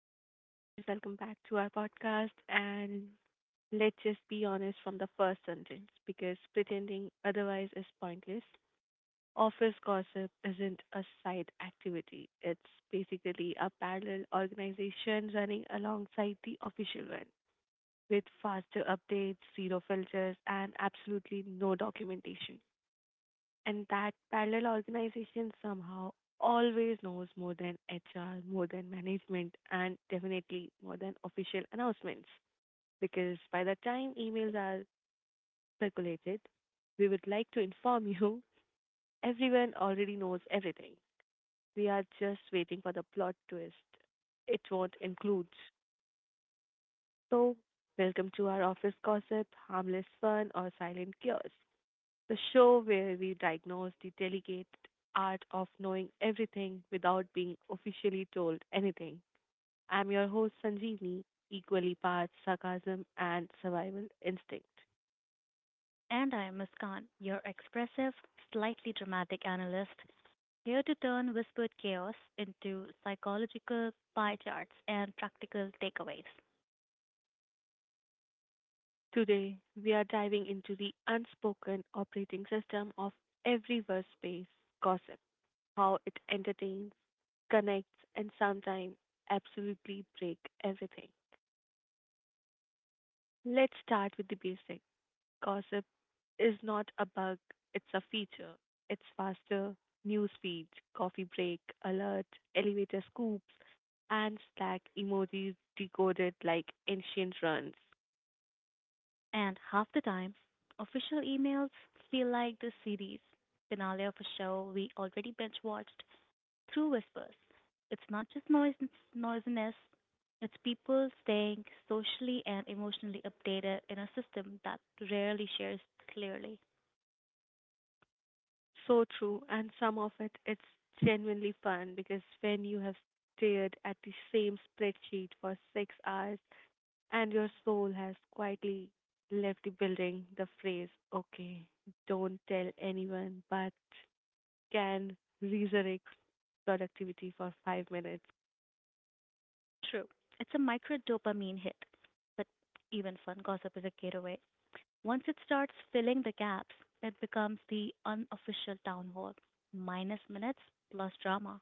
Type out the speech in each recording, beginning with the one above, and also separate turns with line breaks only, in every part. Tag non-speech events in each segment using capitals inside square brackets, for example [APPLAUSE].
Hello, guys. Welcome back to our podcast. And let's just be honest from the first sentence because pretending otherwise is pointless. Office gossip isn't a side activity, it's basically a parallel organization running alongside the official one with faster updates, zero filters, and absolutely no documentation. And that parallel organization somehow always knows more than HR, more than management, and definitely more than official announcements. Because by the time emails are circulated, we would like to inform you, everyone already knows everything. We are just waiting for the plot twist. It won't include. So, welcome to our office gossip, harmless fun, or silent chaos. The show where we diagnose the delicate art of knowing everything without being officially told anything. I'm your host, Sanjeevni, equally part sarcasm and survival instinct.
And I am Muskan, your expressive, slightly dramatic analyst, here to turn whispered chaos into psychological pie charts and practical takeaways.
Today, we are diving into the unspoken operating system of every workspace gossip, how it entertains, connects, and sometimes absolutely break everything. Let's start with the basics. Gossip is not a bug, it's a feature. It's faster news feeds, coffee break, alert, elevator scoops, and Slack emojis decoded like ancient runs.
And half the time, official emails feel like the series finale of a show we already binge watched through whispers. It's not just noisiness, it's people staying socially and emotionally updated in a system that rarely shares clearly.
So true, and some of it it's genuinely fun because when you have stared at the same spreadsheet for 6 hours and your soul has quietly left the building, the phrase, okay, don't tell anyone, but can resurrect productivity for 5 minutes,
True. It's a micro dopamine hit, but even fun gossip is a gateway. Once it starts filling the gaps, it becomes the unofficial town hall. Minus minutes plus drama.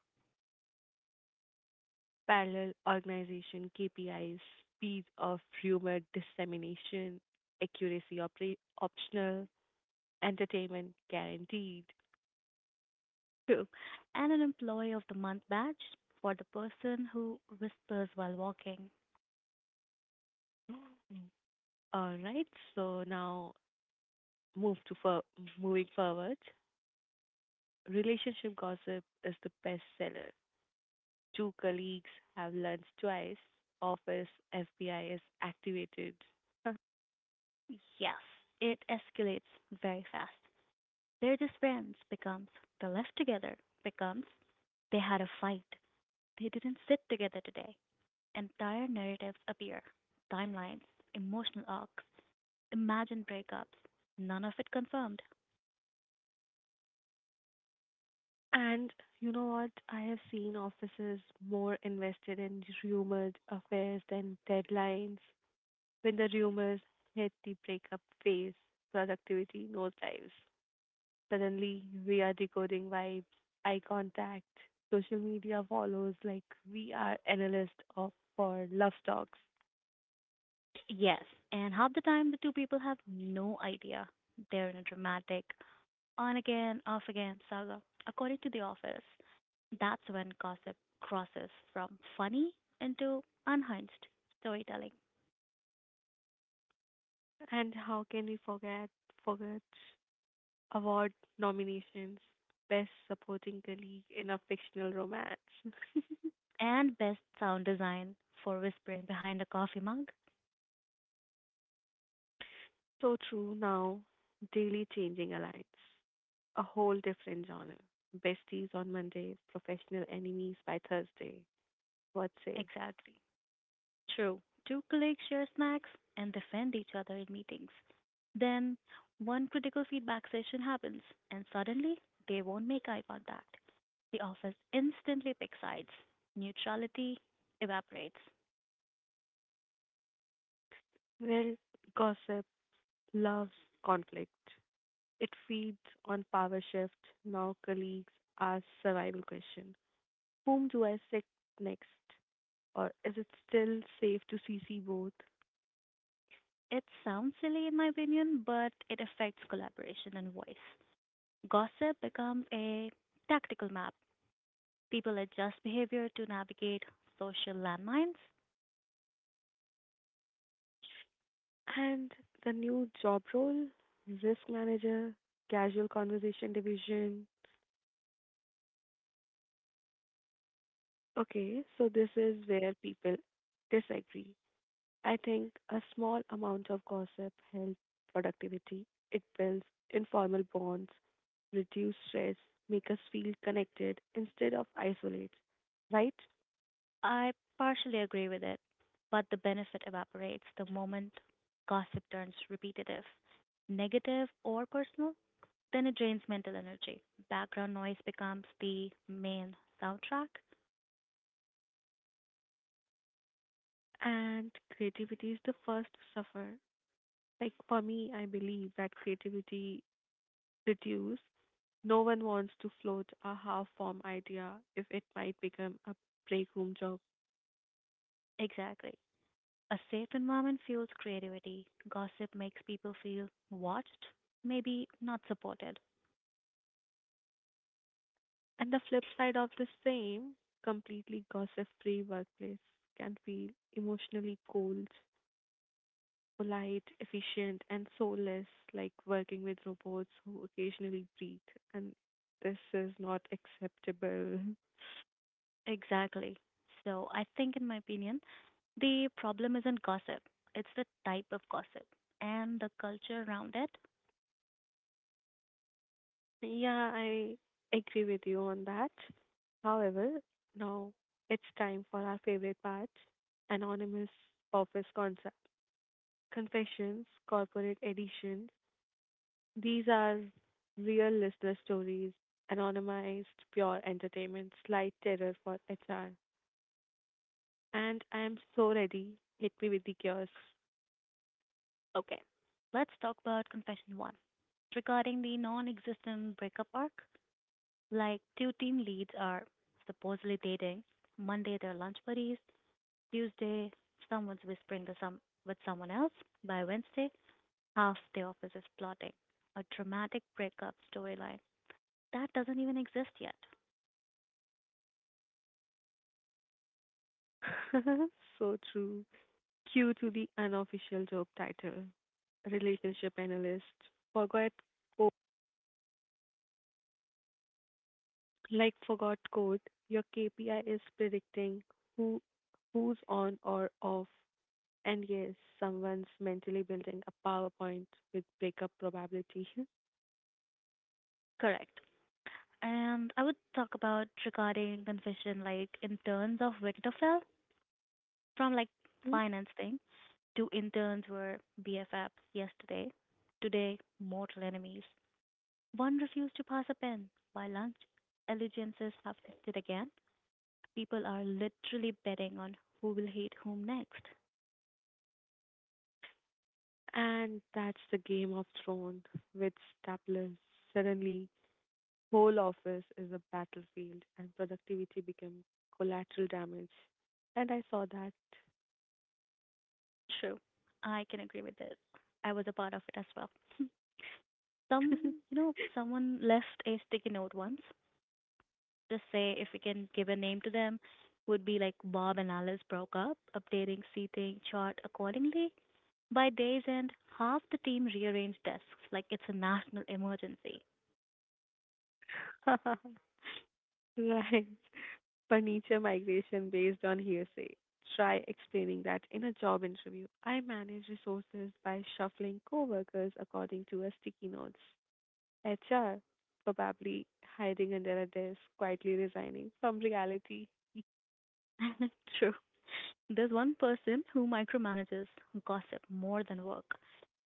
parallel organization, KPIs, speed of rumor dissemination, accuracy optional, entertainment guaranteed.
True. And an employee of the month badge for the person who whispers while walking.
Mm. All right, so now move to for moving forward. Relationship gossip is the bestseller. Two colleagues have lunch twice. Office FBI is activated. [LAUGHS]
Yes, it escalates very fast. They're just friends becomes they left together becomes they had a fight. They didn't sit together today. Entire narratives appear, timelines, emotional arcs, imagined breakups, none of it confirmed.
And you know what? I have seen offices more invested in rumored affairs than deadlines. When the rumors hit the breakup phase, productivity nosedives. Suddenly, we are decoding vibes, eye contact. Social media follows like we are analysts of for love stocks.
Yes, and half the time the two people have no idea they're in a dramatic, on again, off again saga. According to The Office, that's when gossip crosses from funny into unhinged storytelling,
And how can we forget award nominations? Best supporting colleague in a fictional romance. [LAUGHS]
and best sound design for whispering behind a coffee mug.
So true. Now, daily changing alliance. A whole different genre. Besties on Mondays, professional enemies by Thursday. What say?
Exactly. True. Two colleagues share snacks and defend each other in meetings. Then one critical feedback session happens, and suddenly they won't make eye contact. The office instantly picks sides. Neutrality evaporates.
Well, gossip, love, conflict. It feeds on power shift. Now colleagues ask survival question. Whom do I sick next? Or is it still safe to CC both?
It sounds silly in my opinion, but it affects collaboration and voice. Gossip becomes a tactical map. People adjust behavior to navigate social landmines.
And the new job role, risk manager, casual conversation division. Okay, so this is where people disagree. I think a small amount of gossip helps productivity. It builds informal bonds, reduce stress, make us feel connected instead of isolate, right?
I partially agree with it, but the benefit evaporates the moment gossip turns repetitive, negative, or personal. Then it drains mental energy. Background noise becomes the main soundtrack.
And creativity is the first to suffer. Like for me, I believe that creativity reduces. No one wants to float a half-formed idea if it might become a break room.
Exactly. A safe environment fuels creativity. Gossip makes people feel watched, maybe not supported.
And the flip side of the same, completely gossip free workplace can feel emotionally cold, polite, efficient, and soulless, like working with robots who occasionally breathe. And this is not acceptable.
Exactly. So, I think, in my opinion, the problem isn't gossip, it's the type of gossip and the culture around it.
Yeah, I agree with you on that. However, now it's time for our favorite part, anonymous office concept confessions, corporate editions. These are real listener stories, anonymized, pure entertainment, slight terror for HR. And I am so ready. Hit me with the chaos.
Okay, let's talk about confession one. Regarding the non existent breakup arc, like two team leads are supposedly dating. Monday, they're lunch buddies. Tuesday, someone's whispering with someone else. By Wednesday, half the office is plotting a dramatic breakup storyline. That doesn't even exist yet.
[LAUGHS] So true. Cue to the unofficial job title. Relationship analyst. Forgot code. Like forgot code, your KPI is predicting who who's on or off. And yes, someone's mentally building a PowerPoint with breakup probability.
Correct. And I would talk about regarding confession like in terms of Winterfell, from like
[LAUGHS]
finance thing. Two interns were BFFs yesterday, today mortal enemies. One refused to pass a pen. By lunch, allegiances have shifted again. People are literally betting on who will hate whom next.
And that's the Game of Thrones with staplers. Suddenly, whole office is a battlefield and productivity became collateral damage. And I saw
True, I can agree with this. I was a part of it as well. [LAUGHS] Some, someone left a sticky note once just say if we can give a name to them would be like Bob and Alice broke up, updating seating chart accordingly. By day's end, half the team rearranged desks like it's a national emergency.
that. [LAUGHS] Right. Furniture migration based on hearsay. Try explaining that in a job interview. I manage resources by shuffling coworkers according to a sticky notes. HR probably hiding under a desk, quietly resigning from reality.
[LAUGHS] True. There's one person who micromanages gossip more than work.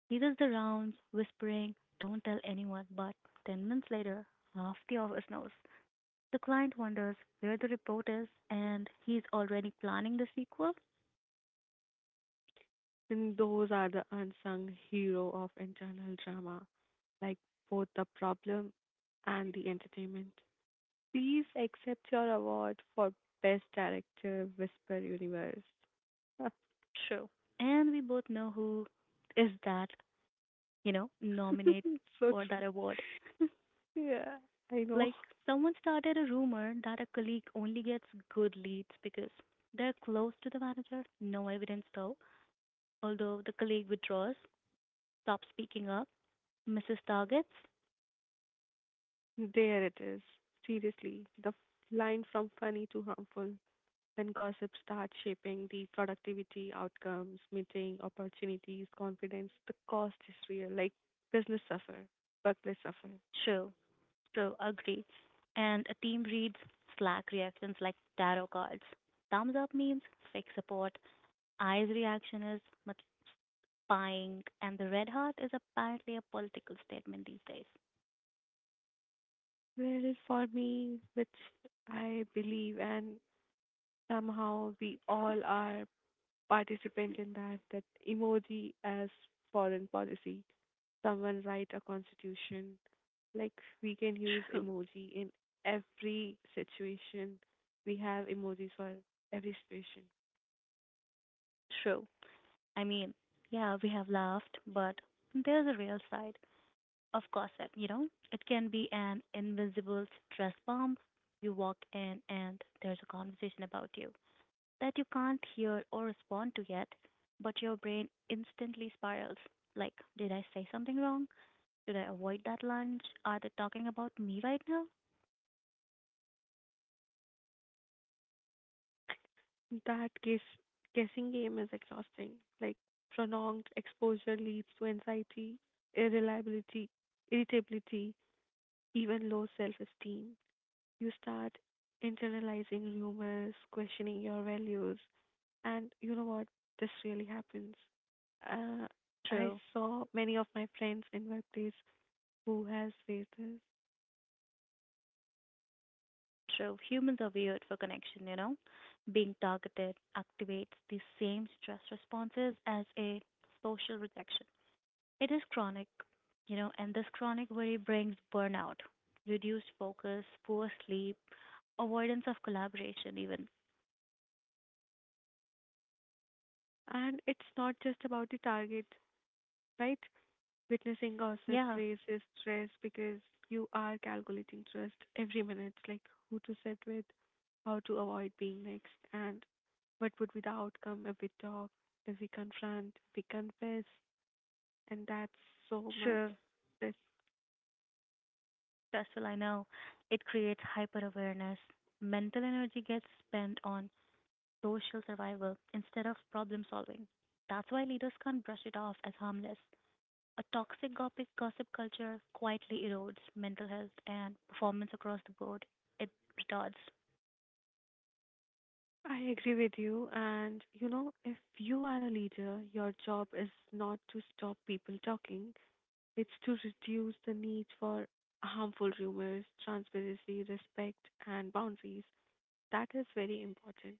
He does the rounds, whispering, don't tell anyone, but 10 minutes later, half the office knows. The client wonders where the report is, and he's already planning the sequel.
And those are the unsung hero of internal drama, like both the problem and the entertainment. Please accept your award for Best Director, Whisper Universe. [LAUGHS]
True. And we both know who is that, nominate
So
for
true.
that award. [LAUGHS]
Yeah, I know.
Like, someone started a rumor that a colleague only gets good leads because they're close to the manager. No evidence, though. Although the colleague withdraws, stops speaking up, misses targets.
There it is. Seriously, the line from funny to harmful. When gossip starts shaping the productivity, outcomes, meeting, opportunities, confidence, the cost is real. Like business suffer, workplace suffer.
True, true, agree. And a team reads Slack reactions like tarot cards. Thumbs up means fake support. Eyes reaction is buying, and the red heart is apparently a political statement these days.
Well, for me, which I believe, and somehow we all are participant in that, that emoji as foreign policy. Someone write a constitution. Like we can use
True,
emoji in every situation. We have emojis for every situation.
true. I mean, yeah, we have laughed, but there's a real side of gossip, you know? It can be an invisible stress bomb. You walk in and there's a conversation about you that you can't hear or respond to yet, but your brain instantly spirals. Like, did I say something wrong? Did I avoid that lunch? Are they talking about me right now?
That guessing game is exhausting. Like prolonged exposure leads to anxiety, irreliability, irritability, even low self-esteem. You start internalizing rumors, questioning your values, and you know what? This really happens. Uh, I
True.
saw many of my friends in workplace who has faced this,
True. Humans are weird for connection, you know. Being targeted activates the same stress responses as a social rejection. It is chronic, and this chronic worry brings burnout, reduced focus, poor sleep, avoidance of collaboration, even.
and it's not just about the target, right? Witnessing gossip
Yeah,
raises stress because you are calculating trust every minute, like who to sit with, how to avoid being next, and what would be the outcome if we talk, if we confront, if we confess. And that's so much.
sure,
This
stressful, I know. It creates hyper awareness. Mental energy gets spent on social survival instead of problem solving. That's why leaders can't brush it off as harmless. A toxic gossip culture quietly erodes mental health and performance across the board. It retards.
I agree with you. And you know, if you are a leader, your job is not to stop people talking. It's to reduce the need for harmful rumors, transparency, respect, and boundaries. That is very important,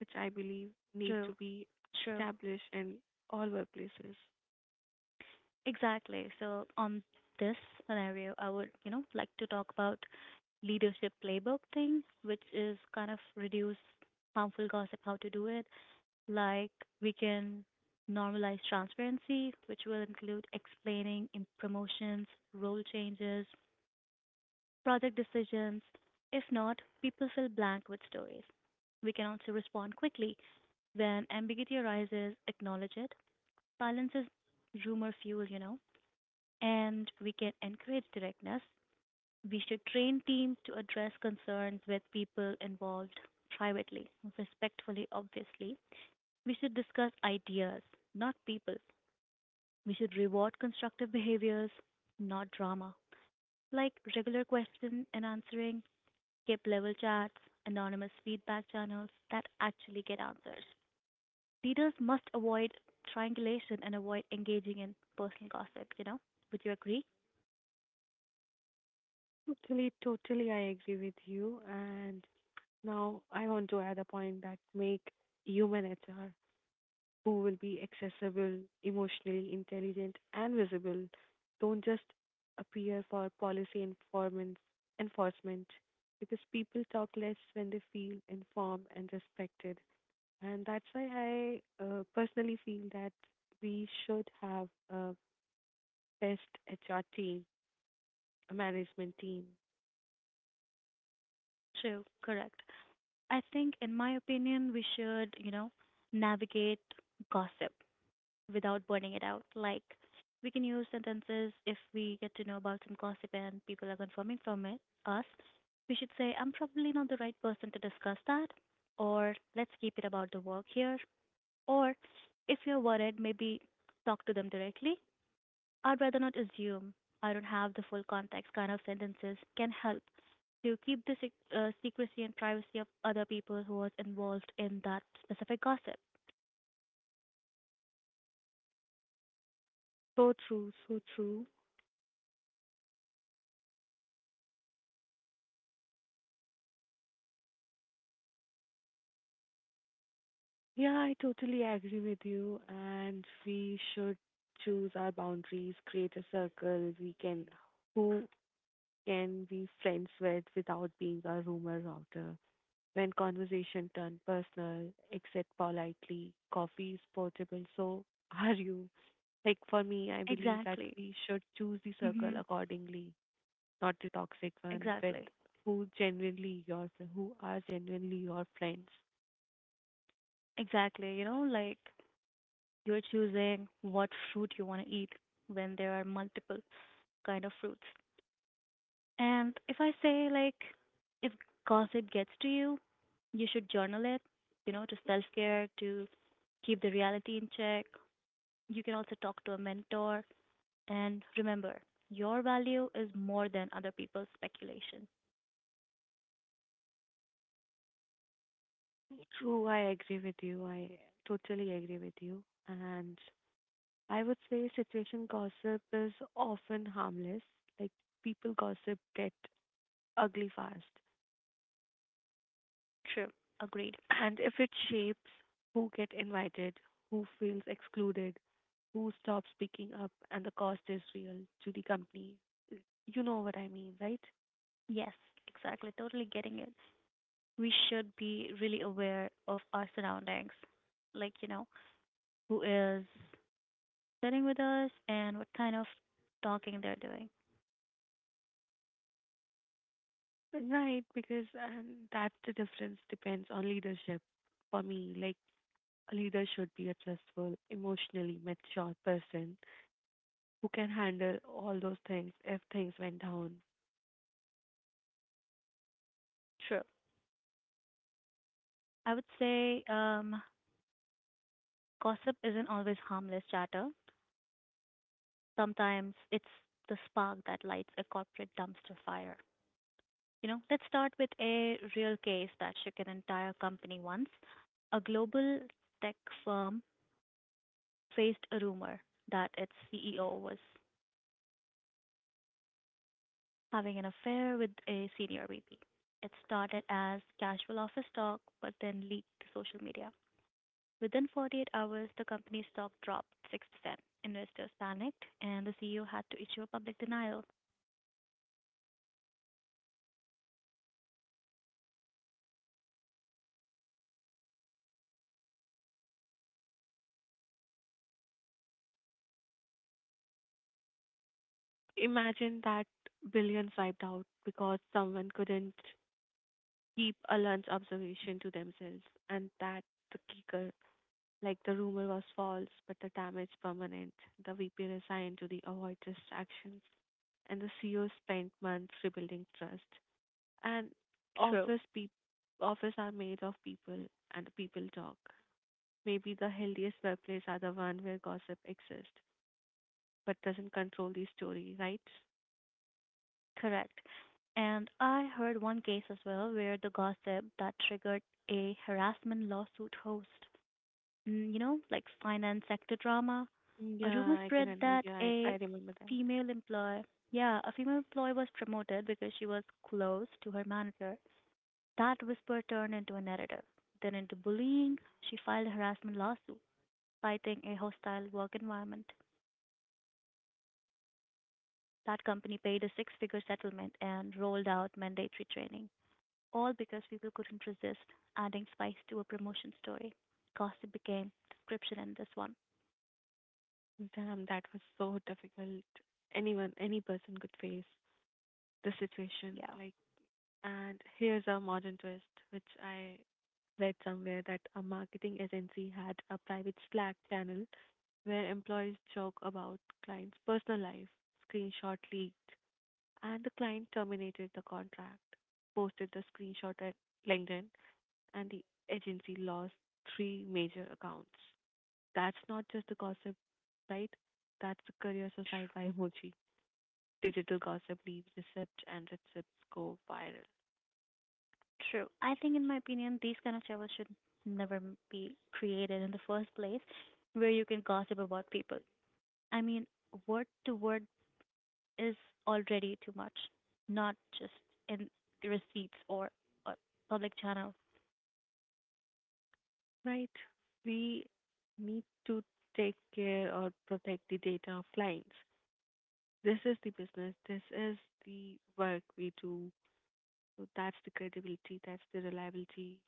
which I believe need
True,
to be
true.
established in all workplaces.
Exactly. So on this scenario, I would, like to talk about leadership playbook thing, which is kind of reduce harmful gossip, how to do it. Like we can normalize transparency, which will include explaining in promotions, role changes, project decisions. If not, people fill blank with stories. We can also respond quickly. When ambiguity arises, acknowledge it. Silence is rumor fuel, and we can encourage directness. We should train teams to address concerns with people involved privately, respectfully, obviously. We should discuss ideas, not people. We should reward constructive behaviors, not drama. Like regular question and answering, skip level chats, anonymous feedback channels that actually get answers. Leaders must avoid triangulation and avoid engaging in personal gossip, you know? Would you agree?
Totally, totally, I agree with you. And now I want to add a point that make human HR. Who will be accessible, emotionally intelligent, and visible, don't just appear for policy enforcement because people talk less when they feel informed and respected. And that's why I personally feel that we should have a best HR team, a management team.
True, correct. I think, in my opinion, we should, navigate gossip without burning it out. Like, we can use sentences if we get to know about some gossip and people are confirming from it, us. We should say, I'm probably not the right person to discuss that, or let's keep it about the work here. Or if you're worried, maybe talk to them directly. I'd rather not assume. I don't have the full context kind of sentences can help to keep the secrecy and privacy of other people who was involved in that specific gossip.
So true, so true. Yeah, I totally agree with you. And we should choose our boundaries, create a circle we can, who can be friends with without being a rumor router. When conversation turn personal, exit politely. Coffee is portable, so are you. Like for me, I believe that
Exactly.
we should choose the circle
Mhm.
accordingly, not the toxic one with
Exactly.
who are genuinely your friends.
Exactly. You know, like you're choosing what fruit you want to eat when there are multiple kind of fruits. And if I say, like, if gossip gets to you, you should journal it, to self care, to keep the reality in check. You can also talk to a mentor. And remember, your value is more than other people's speculation.
True, I agree with you. I totally agree with you. And I would say situation gossip is often harmless. Like people gossip get ugly fast.
True. Agreed.
And if it shapes who get invited, who feels excluded, who stops speaking up, and the cost is real to the company, you know what I mean, right?
Yes, exactly. Totally getting it. We should be really aware of our surroundings. Like, who is sitting with us and what kind of talking they're doing.
Right, because that's the difference depends on leadership for me. Like a leader should be a trustful, emotionally mature person who can handle all those things if things went down.
True. I would say gossip isn't always harmless chatter. Sometimes it's the spark that lights a corporate dumpster fire. You know, let's start with a real case that shook an entire company once. A global tech firm faced a rumor that its CEO was having an affair with a senior VP. It started as casual office talk, but then leaked to social media. Within 48 hours, the company's stock dropped 6%. Investors panicked, and the CEO had to issue a public denial.
Imagine that billions wiped out because someone couldn't keep a lunch observation to themselves, and that the kicker. Like the rumor was false, but the damage permanent. The VP resigned to the avoid distractions, and the CEO spent months rebuilding trust. And
True.
office peop office are made of people, and the people talk. Maybe the healthiest workplace are the one where gossip exists but doesn't control the story, right?
Correct. And I heard one case as well where the gossip that triggered a harassment lawsuit host. Mm. You know, like finance sector drama. A rumor spread that
Yeah, I remember that.
female employee, yeah, a female employee was promoted because she was close to her manager. That whisper turned into a narrative, then into bullying. She filed a harassment lawsuit, fighting a hostile work environment. That company paid a six figure settlement and rolled out mandatory training, all because people couldn't resist adding spice to a promotion story. Gossip became description in this one.
Damn, that was so difficult. Anyone, any person could face the situation.
Yeah,
Like, and here's a modern twist, which I read somewhere that a marketing agency had a private Slack channel where employees joke about clients' personal life, screenshot leaked, and the client terminated the contract, posted the screenshot at LinkedIn, and the agency lost three major accounts. That's not just the gossip, right? That's the career suicide
tr-
by emoji. Digital gossip leaves receipts and receipts go viral,
true. I think, in my opinion, these kind of shows should never be created in the first place where you can gossip about people. I mean, word to word is already too much, not just in receipts or public channel.
right? We need to take care or protect the data of clients. This is the business. This is the work we do. So that's the credibility. That's the reliability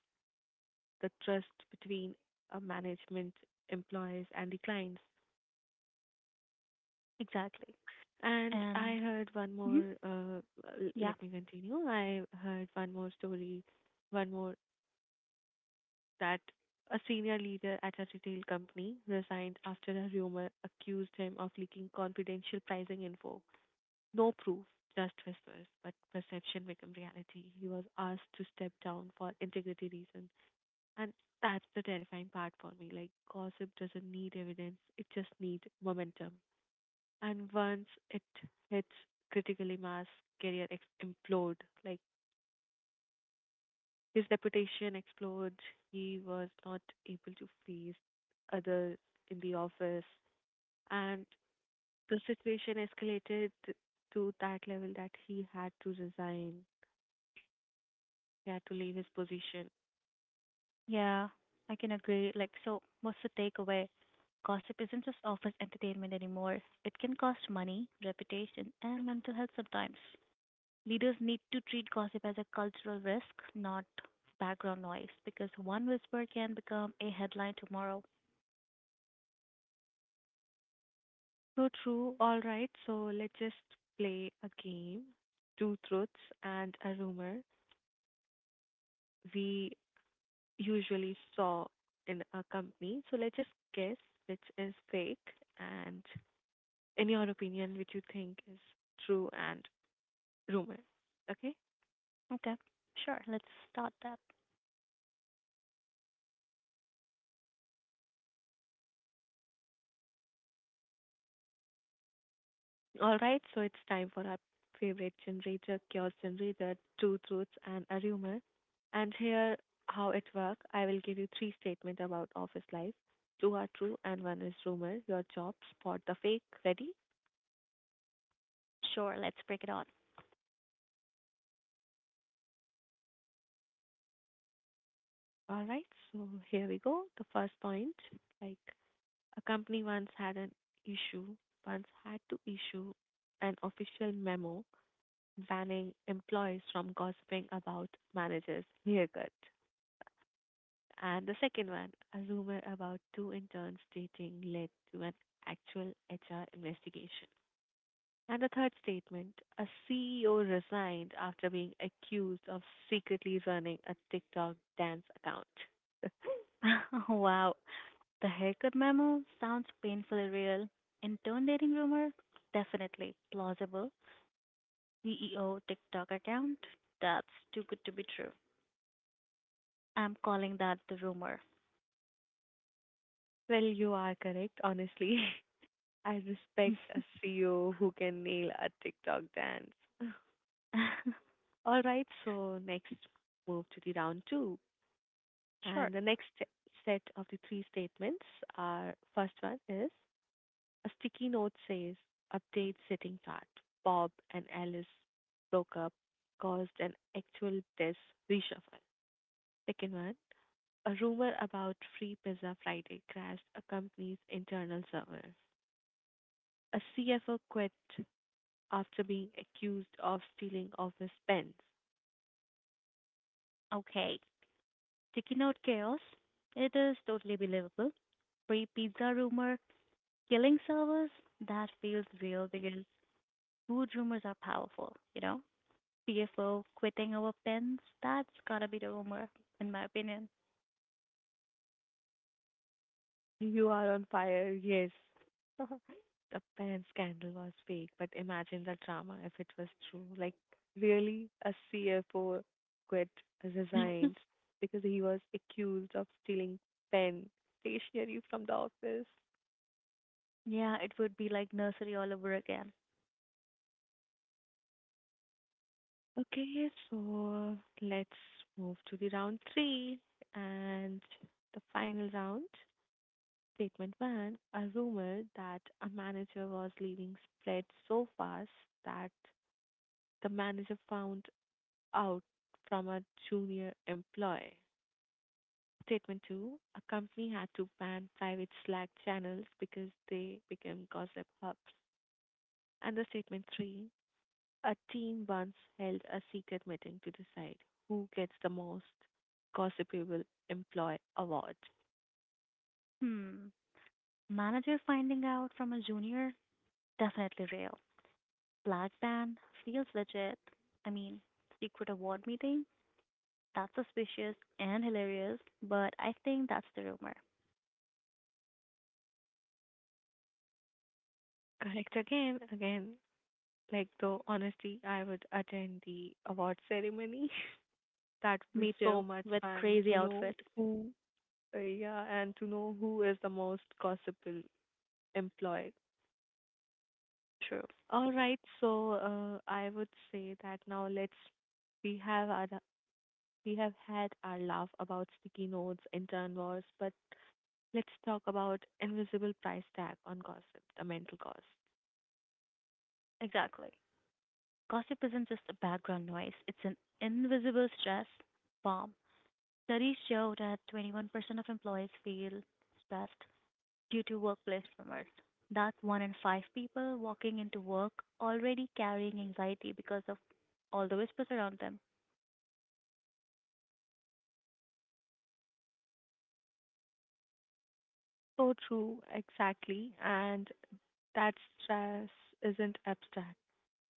the trust between management, employees, and the clients.
Exactly.
And I
And
heard one
mhm,
more,
yeah,
let me continue. I heard one more story, one more that a senior leader at a retail company resigned after a rumor accused him of leaking confidential pricing info. No proof, just whispers, but perception became reality. He was asked to step down for integrity reasons. And that's the terrifying part for me. Like, gossip doesn't need evidence, it just needs momentum. And once it hits critically mass, implode. Like, his reputation explodes. He was not able to face others in the office. And the situation escalated to that level that he had to resign. He had to leave his position.
yeah, I can agree. Like, so what's the takeaway? Gossip isn't just office entertainment anymore. It can cost money, reputation, and mental health sometimes. Leaders need to treat gossip as a cultural risk, not background noise, because one whisper can become a headline tomorrow.
So true. All right. So let's just play a game. Two truths and a rumor we usually saw in a company. So let's just guess which is fake and in your opinion which you think is true and rumor. Okay?
Okay, sure, let's start that.
All right, so it's time for our favorite generator, chaos generator, two truths and a rumor. And here how it works. I will give you three statements about office life. Two are true and one is rumor. Your job spot the fake. Ready?
Sure, let's break it on.
All right, so here we go. The first point, like a company once had an issue, once had to issue an official memo banning employees from gossiping about managers' haircuts. And the second one, a rumor about two interns dating led to an actual HR investigation. And the third statement, a CEO resigned after being accused of secretly running a TikTok dance account. [LAUGHS]
[LAUGHS] Wow. The haircut memo sounds painfully real. Intimidating rumor? Definitely. Plausible. CEO TikTok account? That's too good to be true. I'm calling that the rumor.
You are correct, honestly. [LAUGHS] I respect a
[LAUGHS]
CEO who can nail a TikTok dance. [LAUGHS] All right, so next move to the round two.
Sure.
And the next set of the three statements are first one is a sticky note says, update sitting fat. Bob and Alice broke up, caused an actual desk reshuffle. Second one, a rumor about Free Pizza Friday crashed a company's internal server. A CFO quit after being accused of stealing office pens.
Okay. Sticky note chaos? It is totally believable. Free pizza rumor? Killing servers? That feels real because food rumors are powerful, you know? PFO quitting over pens? That's gotta be the rumor, in my opinion.
You are on fire, yes. The pen scandal was fake, but imagine the drama if it was true. Really, a CFO quit, resigned
[LAUGHS]
because he was accused of stealing pen stationery from the office.
Yeah, it would be like nursery all over again.
Okay, so let's move to the round three and the final round. Statement one, a rumor that a manager was leaving spread so fast that the manager found out from a junior employee. Statement two, a company had to ban private Slack channels because they became gossip hubs. And the statement three, a team once held a secret meeting to decide who gets the most gossipable employee award.
Hmm. Manager finding out from a junior? Definitely real. Black band? Feels legit. I mean, secret award meeting? That's suspicious and hilarious, but I think that's the rumor.
Correct again, again. Though honestly I would attend the award ceremony. [LAUGHS] That would be
Me
so
too,
much
with
fun
crazy
to know
outfit.
who yeah, and to know who is the most gossipable employed.
True.
All right, so I would say that now let's we have our we have had our laugh about sticky notes, intern wars, but let's talk about invisible price tag on gossip, the mental cost.
Exactly. Gossip isn't just a background noise, it's an invisible stress bomb. Studies show that 21% of employees feel stressed due to workplace rumors. That's one in five people walking into work already carrying anxiety because of all the whispers around them.
So true, exactly, and that stress isn't abstract.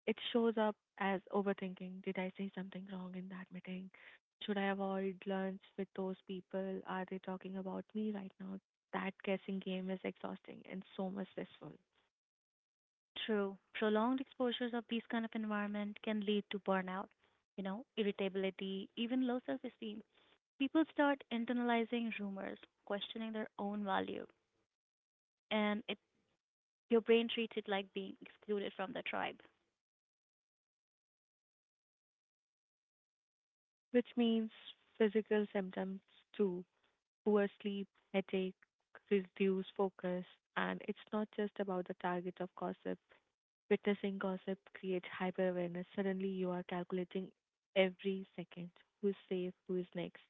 It shows up as overthinking. Did I say something wrong in that meeting? Should I avoid lunch with those people? Are they talking about me right now? That guessing game is exhausting and so much stressful,
True, prolonged exposures of these kind of environment can lead to burnout, irritability, even low self-esteem. People start internalizing rumors, questioning their own value, and it your brain treats it like being excluded from the tribe.
which means physical symptoms too, poor sleep, headache, reduced focus. And it's not just about the target of gossip. Witnessing gossip creates hyper awareness. Suddenly, you are calculating every second who is safe, who is next.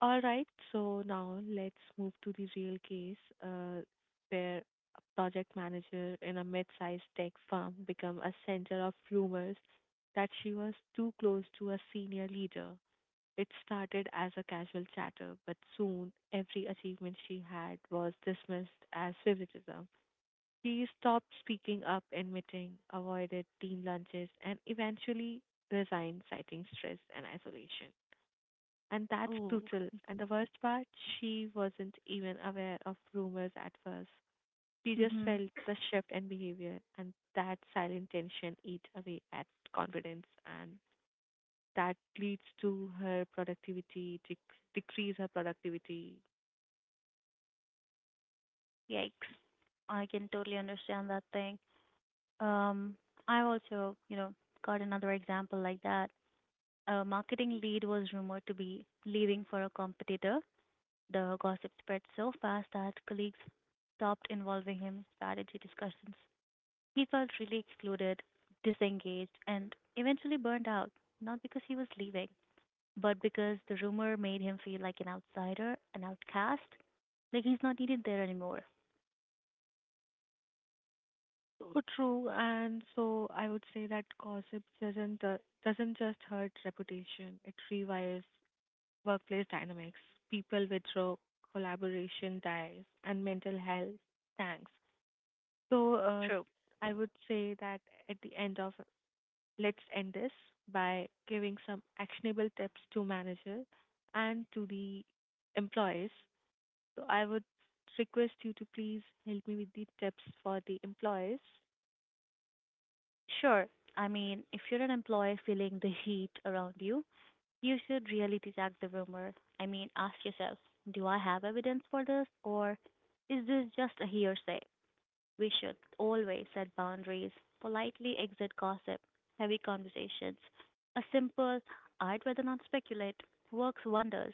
All right, so now let's move to the real case, uh, where a project manager in a mid-sized tech firm became a center of rumors that she was too close to a senior leader. It started as a casual chatter, but soon every achievement she had was dismissed as favoritism. She stopped speaking up in meetings, avoided team lunches, and eventually resigned, citing stress and isolation. And that's
Ooh.
brutal. And the worst part, she wasn't even aware of rumors at first. She just
Mhm.
felt the shift in behavior, and that silent tension eats away at confidence, and that leads to her productivity, decrease her productivity.
Yikes. I can totally understand that thing. Um, I also, got another example like that. A marketing lead was rumored to be leaving for a competitor. The gossip spread so fast that colleagues stopped involving him in strategy discussions. He felt really excluded, disengaged, and eventually burned out, not because he was leaving, but because the rumor made him feel like an outsider, an outcast, like he's not needed there anymore.
So true, and so I would say that gossip doesn't just hurt reputation; it rewires workplace dynamics. People withdraw, collaboration dies, and mental health tanks. So,
True.
I would say that at the end of, let's end this by giving some actionable tips to manager and to the employees. So, I would request you to please help me with the tips for the employees.
Sure. I mean, if you're an employee feeling the heat around you, you should reality check the rumor. I mean, ask yourself, do I have evidence for this or is this just a hearsay? We should always set boundaries, politely exit gossip, heavy conversations. A simple, I'd rather not speculate, works wonders.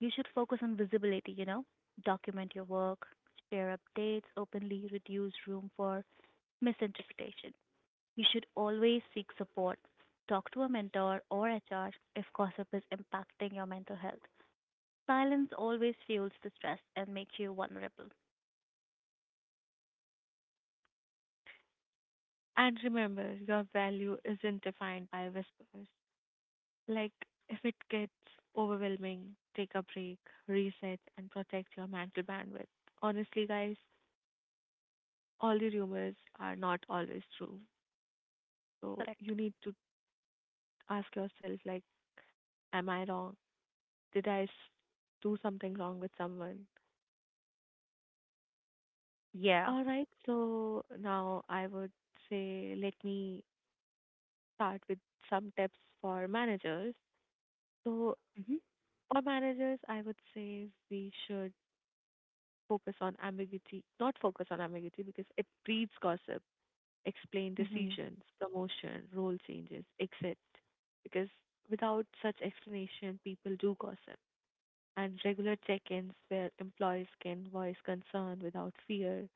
You should focus on visibility, document your work, share updates openly, reduce room for misinterpretation. You should always seek support. Talk to a mentor or HR if gossip is impacting your mental health. Silence always fuels the stress and makes you vulnerable.
And remember, your value isn't defined by whispers. Like, if it gets overwhelming, take a break, reset, and protect your mental bandwidth. Honestly, guys, all the rumors are not always true. So
Correct.
you need to ask yourself, like, am I wrong? Did I s- do something wrong with someone?
Yeah.
All right, so now I would say let me start with some tips for managers. So,
Mhm.
for managers, I would say we should focus on ambiguity, not focus on ambiguity because it breeds gossip, explain
Mhm.
decisions, promotion, role changes, exit. Because without such explanation, people do gossip. And regular check-ins where employees can voice concern without fear,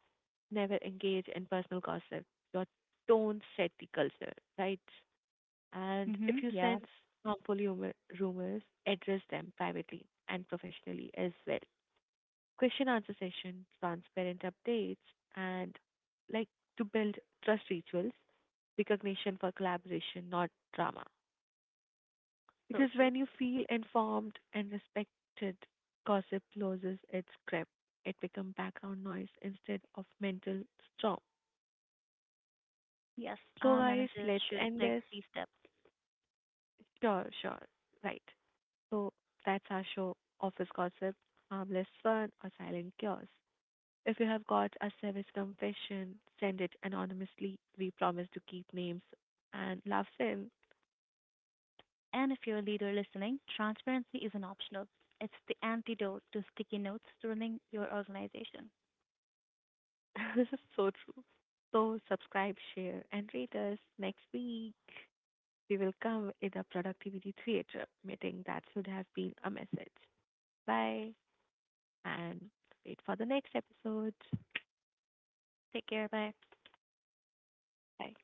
never engage in personal gossip. Your tone set the culture, right? And if
Mhm.
you
Yeah.
sense harmful humor, rumors, address them privately and professionally as well. Question answer session, transparent updates, and like to build trust rituals, recognition for collaboration, not drama.
So
Because
true.
when you feel informed and respected, gossip loses its grip. It becomes background noise instead of mental storm.
Yes,
So,
our
guys,
managers
let's
should
end
take
this.
these steps.
Sure, sure. Right. So, that's our show, Office Gossip, Harmless Fun, or Silent Chaos. If you have got a service confession, send it anonymously. We promise to keep names and laughs in.
And if you're a leader listening, transparency isn't optional. It's the antidote to sticky notes running your organization.
[LAUGHS] This is so true. So, subscribe, share, and rate us next week. We will come in a productivity theater meeting that should have been a message. Bye and wait for the next episode.
Take care. Bye.
Bye.